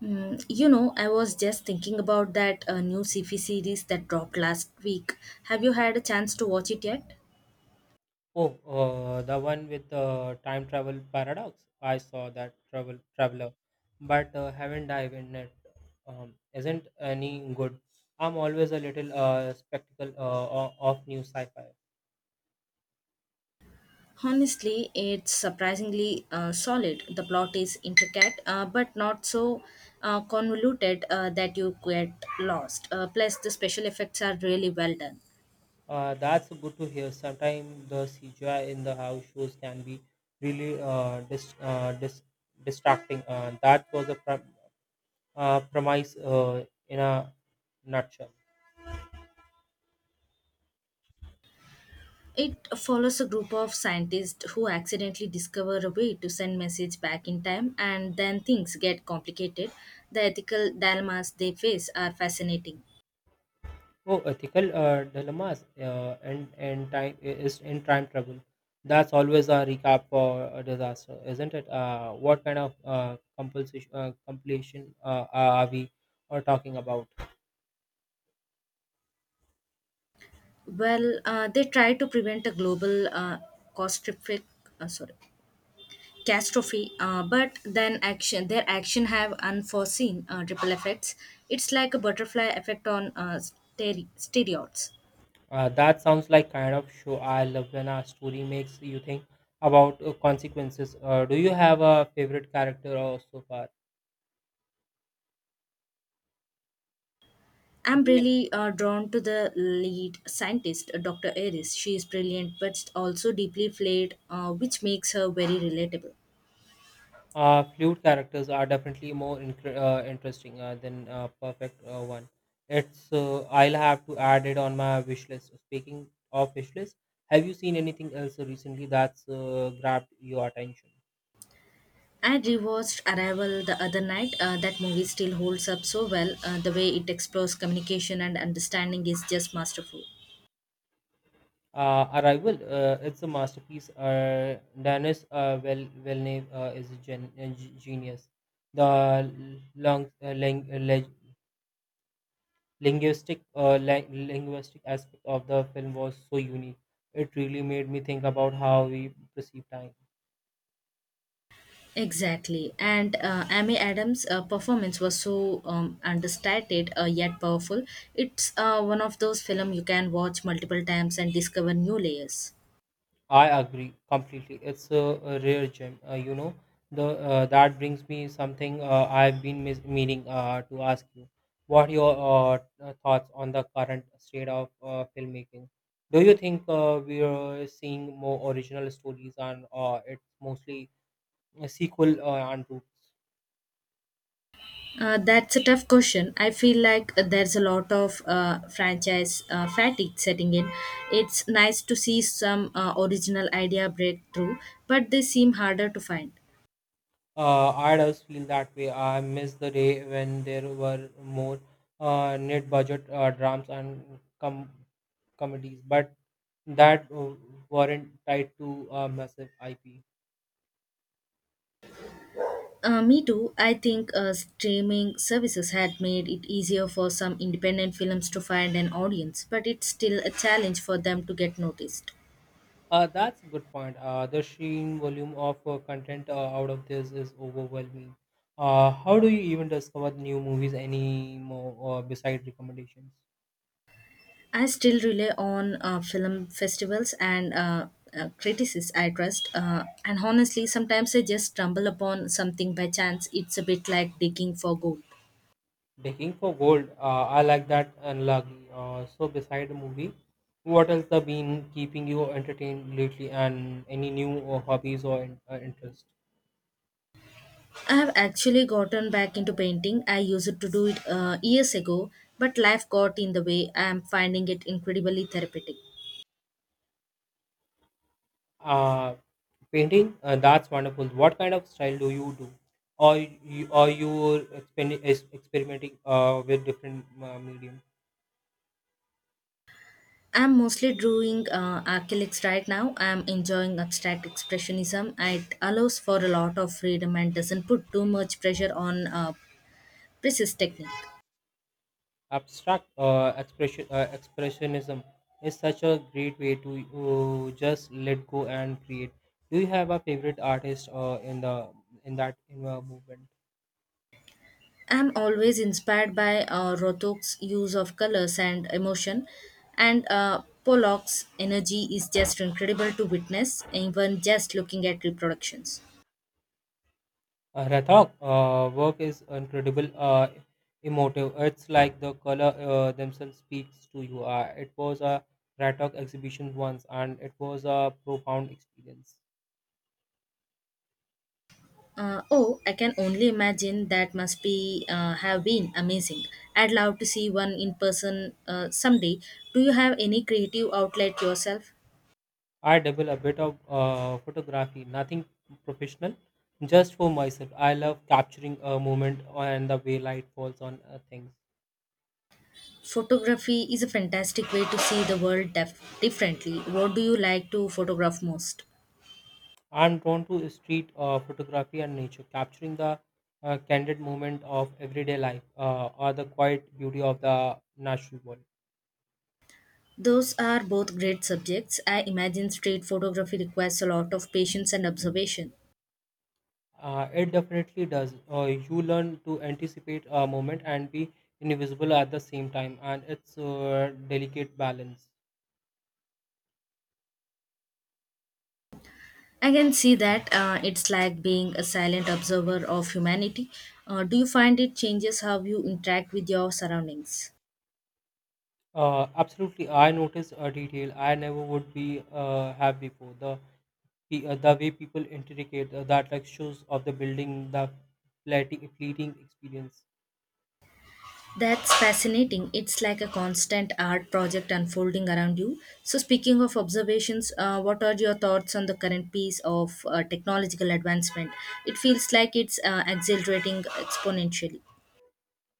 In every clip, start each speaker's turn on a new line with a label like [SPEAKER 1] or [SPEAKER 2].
[SPEAKER 1] You know, I was just thinking about that new CP series that dropped last week. Have you had a chance to watch it yet?
[SPEAKER 2] Oh, the one with the time travel paradox. I saw that traveler, but haven't dived in it. Isn't any good. I'm always a little spectacle of new sci-fi.
[SPEAKER 1] Honestly, it's surprisingly solid. The plot is intricate, but not so convoluted that you get lost. Plus, the special effects are really well done.
[SPEAKER 2] That's good to hear. Sometimes the CGI in the house shows can be really distracting. That was a premise in a nutshell.
[SPEAKER 1] It follows a group of scientists who accidentally discover a way to send message back in time and then things get complicated. The ethical dilemmas they face are fascinating.
[SPEAKER 2] Oh, ethical dilemmas and time is in time travel. That's always a recap for a disaster, isn't it? What kind of compulsion completion are we are talking about?
[SPEAKER 1] Well, they try to prevent a global catastrophic, uh, sorry, catastrophe, but then action their action have unforeseen ripple effects. It's like a butterfly effect on steroids.
[SPEAKER 2] That sounds like kind of show I love when a story makes you think about consequences. Do you have a favorite character or so far?
[SPEAKER 1] I'm really drawn to the lead scientist, Dr. Aries. She is brilliant, but also deeply flawed, which makes her very relatable.
[SPEAKER 2] Fluid characters are definitely more interesting than perfect one. It's I'll have to add it on my wish list. Speaking of wish list, have you seen anything else recently that's grabbed your attention?
[SPEAKER 1] I rewatched Arrival the other night. That movie still holds up so well. The way it explores communication and understanding is just masterful.
[SPEAKER 2] Arrival, it's a masterpiece. Dennis Villeneuve is a genius. The linguistic linguistic aspect of the film was so unique. It really made me think about how we perceive time.
[SPEAKER 1] Exactly. And Amy Adams' performance was so understated yet powerful. It's one of those films you can watch multiple times and discover new layers.
[SPEAKER 2] I agree completely. It's a rare gem. You know, the that brings me something I've been meaning to ask you. What are your thoughts on the current state of filmmaking? Do you think we are seeing more original stories and it's mostly a sequel and roots?
[SPEAKER 1] That's a tough question. I feel like there's a lot of franchise fatigue setting in. It's nice to see some original idea breakthrough, but they seem harder to find.
[SPEAKER 2] I does feel that way. I miss the day when there were more net budget dramas and comedies, but that weren't tied to a massive IP.
[SPEAKER 1] Me too. I think streaming services had made it easier for some independent films to find an audience, but it's still a challenge for them to get noticed.
[SPEAKER 2] That's a good point. The sheer volume of content out of this is overwhelming. How do you even discover new movies anymore besides recommendations?
[SPEAKER 1] I still rely on film festivals and critics I trust. And honestly, sometimes I just stumble upon something by chance. It's a bit like digging for gold.
[SPEAKER 2] Digging for gold. I like that analogy. So, beside the movie, what else has been keeping you entertained lately, and any new hobbies or interest?
[SPEAKER 1] I have actually gotten back into painting. I used to do it years ago, but life got in the way. I am finding it incredibly therapeutic.
[SPEAKER 2] Uh, painting. That's wonderful. What kind of style do you do? Or you, are you is experimenting with different medium?
[SPEAKER 1] I'm mostly drawing acrylics right now. I'm enjoying abstract expressionism. It allows for a lot of freedom and doesn't put too much pressure on precise technique.
[SPEAKER 2] Abstract expressionism is such a great way to just let go and create. Do you have a favorite artist in that in the movement?
[SPEAKER 1] I'm always inspired by Rothko's use of colors and emotion, and Pollock's energy is just incredible to witness, even just looking at reproductions.
[SPEAKER 2] Uh, Rathok, work is incredible emotive. It's like the color themselves speaks to you. Uh, it was a Rathok exhibition once and it was a profound experience.
[SPEAKER 1] Oh, I can only imagine that must be have been amazing. I'd love to see one in person someday. Do you have any creative outlet yourself?
[SPEAKER 2] I dabble a bit of photography, nothing professional, just for myself. I love capturing a moment and the way light falls on things.
[SPEAKER 1] Photography is a fantastic way to see the world differently. What do you like to photograph most?
[SPEAKER 2] I'm drawn to street photography and nature, capturing the candid moment of everyday life or the quiet beauty of the natural world.
[SPEAKER 1] Those are both great subjects. I imagine street photography requires a lot of patience and observation.
[SPEAKER 2] It definitely does. You learn to anticipate a moment and be invisible at the same time, and it's a delicate balance.
[SPEAKER 1] I can see that, it's like being a silent observer of humanity. Do you find it changes how you interact with your surroundings?
[SPEAKER 2] Absolutely, I noticed a detail I never would be have before. The the way people intricate that like shows of the building, the fleeting experience.
[SPEAKER 1] That's fascinating. It's like a constant art project unfolding around you. So, speaking of observations, what are your thoughts on the current piece of technological advancement? It feels like it's accelerating exponentially.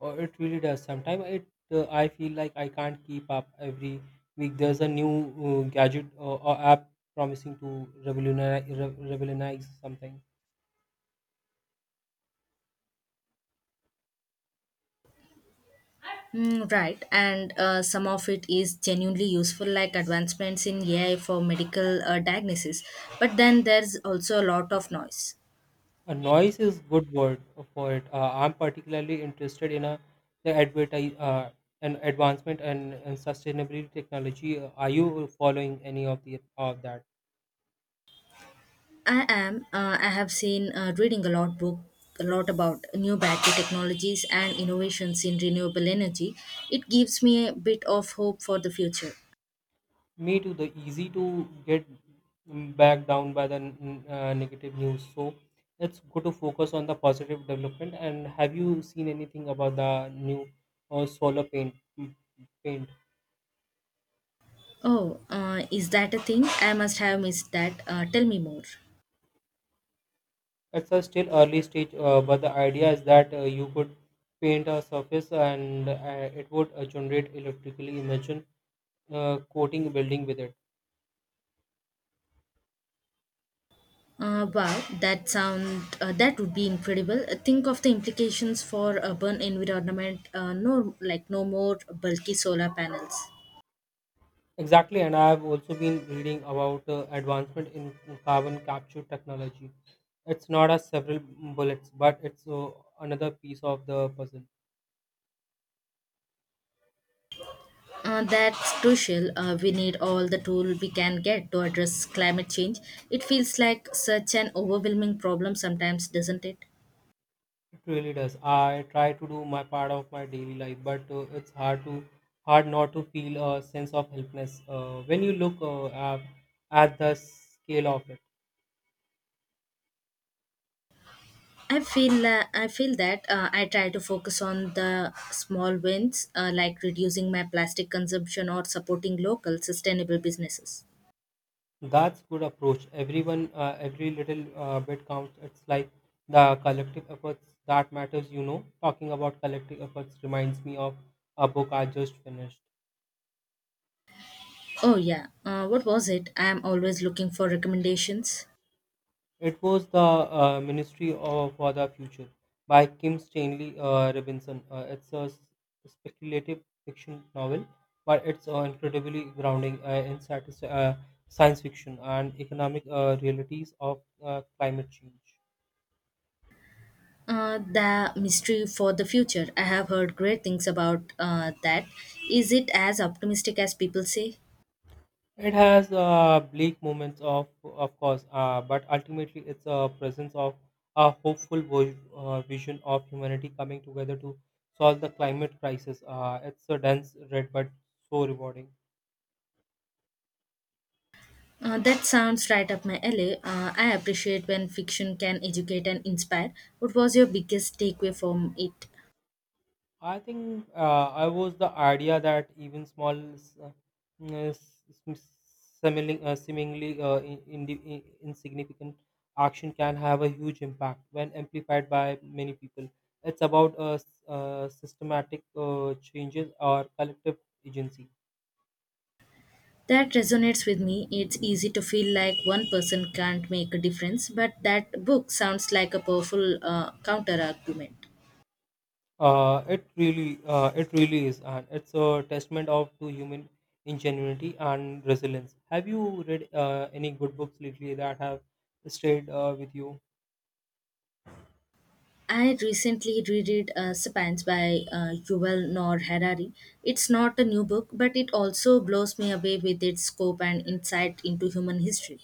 [SPEAKER 2] Or it really does. Sometimes it I feel like I can't keep up every week. There's a new gadget or app promising to revolutionize something.
[SPEAKER 1] Mm, right, and some of it is genuinely useful, like advancements in AI for medical diagnosis. But then there's also a lot of noise.
[SPEAKER 2] A noise is good word for it. I'm particularly interested in a the advertise an advancement and sustainability technology. Are you following any of the of that?
[SPEAKER 1] I have seen reading a lot book, a lot about new battery technologies and innovations in renewable energy. It gives me a bit of hope for the future.
[SPEAKER 2] Me too. The easy to get back down by the negative news. So let's go to focus on the positive development. And have you seen anything about the new solar paint?
[SPEAKER 1] Oh, is that a thing? I must have missed that. Tell me more.
[SPEAKER 2] It's a still early stage, but the idea is that you could paint a surface and it would generate electrically. Imagine coating building with it.
[SPEAKER 1] Wow, that would be incredible. Think of the implications for urban environment. No, like no more bulky solar panels.
[SPEAKER 2] Exactly, and I have also been reading about advancement in carbon capture technology. It's not a several bullets, but it's another piece of the puzzle.
[SPEAKER 1] That's crucial. We need all the tool we can get to address climate change. It feels like such an overwhelming problem sometimes, doesn't it?
[SPEAKER 2] It really does. I try to do my part of my daily life, but it's hard not to feel a sense of helplessness when you look at the scale of it.
[SPEAKER 1] I feel that I try to focus on the small wins, like reducing my plastic consumption or supporting local sustainable businesses.
[SPEAKER 2] That's good approach. Everyone, every little bit counts. It's like the collective efforts that matters. You know, talking about collective efforts reminds me of a book I just finished.
[SPEAKER 1] Oh yeah, what was it? I am always looking for recommendations.
[SPEAKER 2] It was the Ministry of for the Future by Kim Stanley Robinson. It's a speculative fiction novel, but it's incredibly grounding in science fiction and economic realities of climate change.
[SPEAKER 1] The mystery for the future. I have heard great things about that. Is it as optimistic as people say?
[SPEAKER 2] It has bleak moments of course, but ultimately it's a presence of a hopeful vision of humanity coming together to solve the climate crisis. It's a dense read, but so rewarding.
[SPEAKER 1] That sounds right up my alley. I appreciate when fiction can educate and inspire. What was your biggest takeaway from it?
[SPEAKER 2] I think I was the idea that even small, s- s- s- seemingly, seemingly insignificant action can have a huge impact when amplified by many people. It's about systematic changes or collective agency.
[SPEAKER 1] That resonates with me. It's easy to feel like one person can't make a difference, but that book sounds like a powerful counter argument.
[SPEAKER 2] It really is, and it's a testament of to human ingenuity and resilience. Have you read any good books lately that have stayed with you?
[SPEAKER 1] I recently reread Sapiens by Yuval Noah Harari. It's not a new book, but it also blows me away with its scope and insight into human history.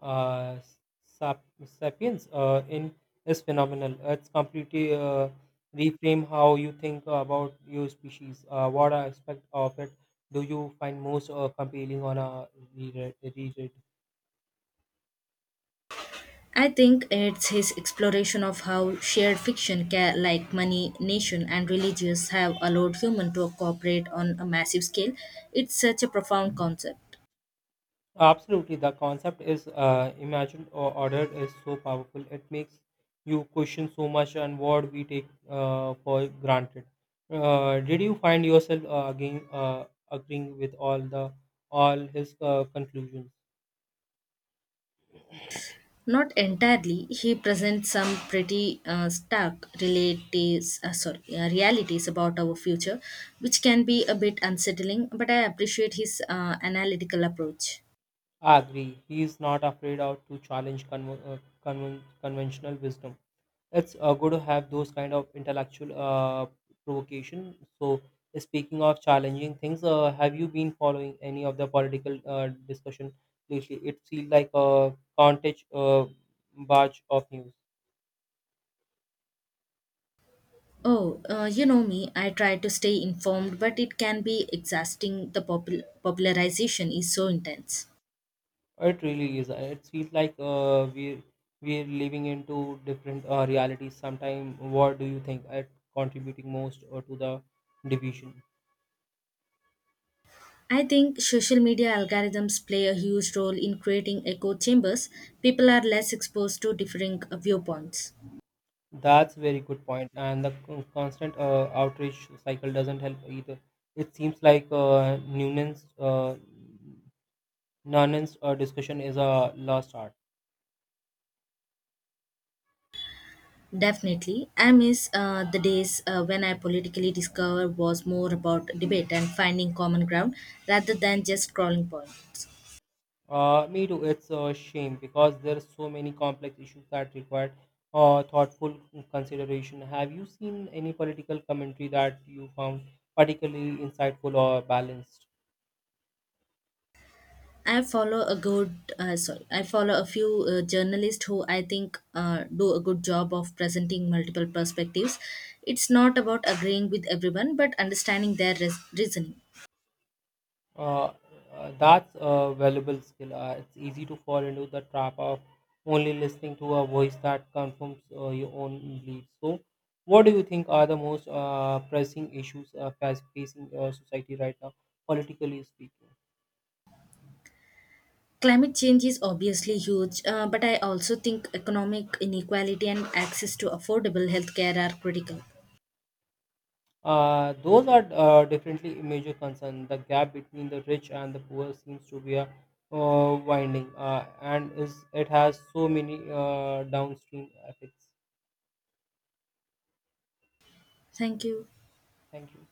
[SPEAKER 2] Uh, Sapiens in is phenomenal. It's completely reframe how you think about your species. What aspect of it do you find most compelling on a reread?
[SPEAKER 1] I think it's his exploration of how shared fiction, like money, nation, and religions, have allowed humans to cooperate on a massive scale. It's such a profound concept.
[SPEAKER 2] Absolutely, the concept is imagined or ordered is so powerful. It makes you question so much and what we take for granted. Did you find yourself again agreeing with all his conclusions?
[SPEAKER 1] Not entirely. He presents some pretty realities about our future, which can be a bit unsettling, but I appreciate his analytical approach.
[SPEAKER 2] I agree. He is not afraid of to challenge conventional wisdom. It's good to have those kind of intellectual provocation. So, speaking of challenging things, have you been following any of the political discussion lately? It feels like a contage barge of news.
[SPEAKER 1] Oh, you know me, I try to stay informed, but it can be exhausting. The popularization is so intense.
[SPEAKER 2] It really is. It feels like we're living into different realities. Sometime, what do you think? It contributing most to the division.
[SPEAKER 1] I think social media algorithms play a huge role in creating echo chambers. People are less exposed to differing viewpoints.
[SPEAKER 2] That's very good point. And the constant outreach cycle doesn't help either. It seems like Noonan's, discussion is a lost art.
[SPEAKER 1] Definitely. I miss the days when I politically discover was more about debate and finding common ground rather than just scrolling points.
[SPEAKER 2] Me too. It's a shame because there are so many complex issues that require thoughtful consideration. Have you seen any political commentary that you found particularly insightful or balanced?
[SPEAKER 1] I follow a few journalists who I think do a good job of presenting multiple perspectives. It's not about agreeing with everyone, but understanding their reasoning.
[SPEAKER 2] Uh, that's a valuable skill. It's easy to fall into the trap of only listening to a voice that confirms your own beliefs. So, what do you think are the most pressing issues facing society right now, politically speaking?
[SPEAKER 1] Climate change is obviously huge, but I also think economic inequality and access to affordable healthcare are critical.
[SPEAKER 2] Those are definitely a major concern. The gap between the rich and the poor seems to be a winding, and is it has so many downstream effects.
[SPEAKER 1] Thank you.
[SPEAKER 2] Thank you.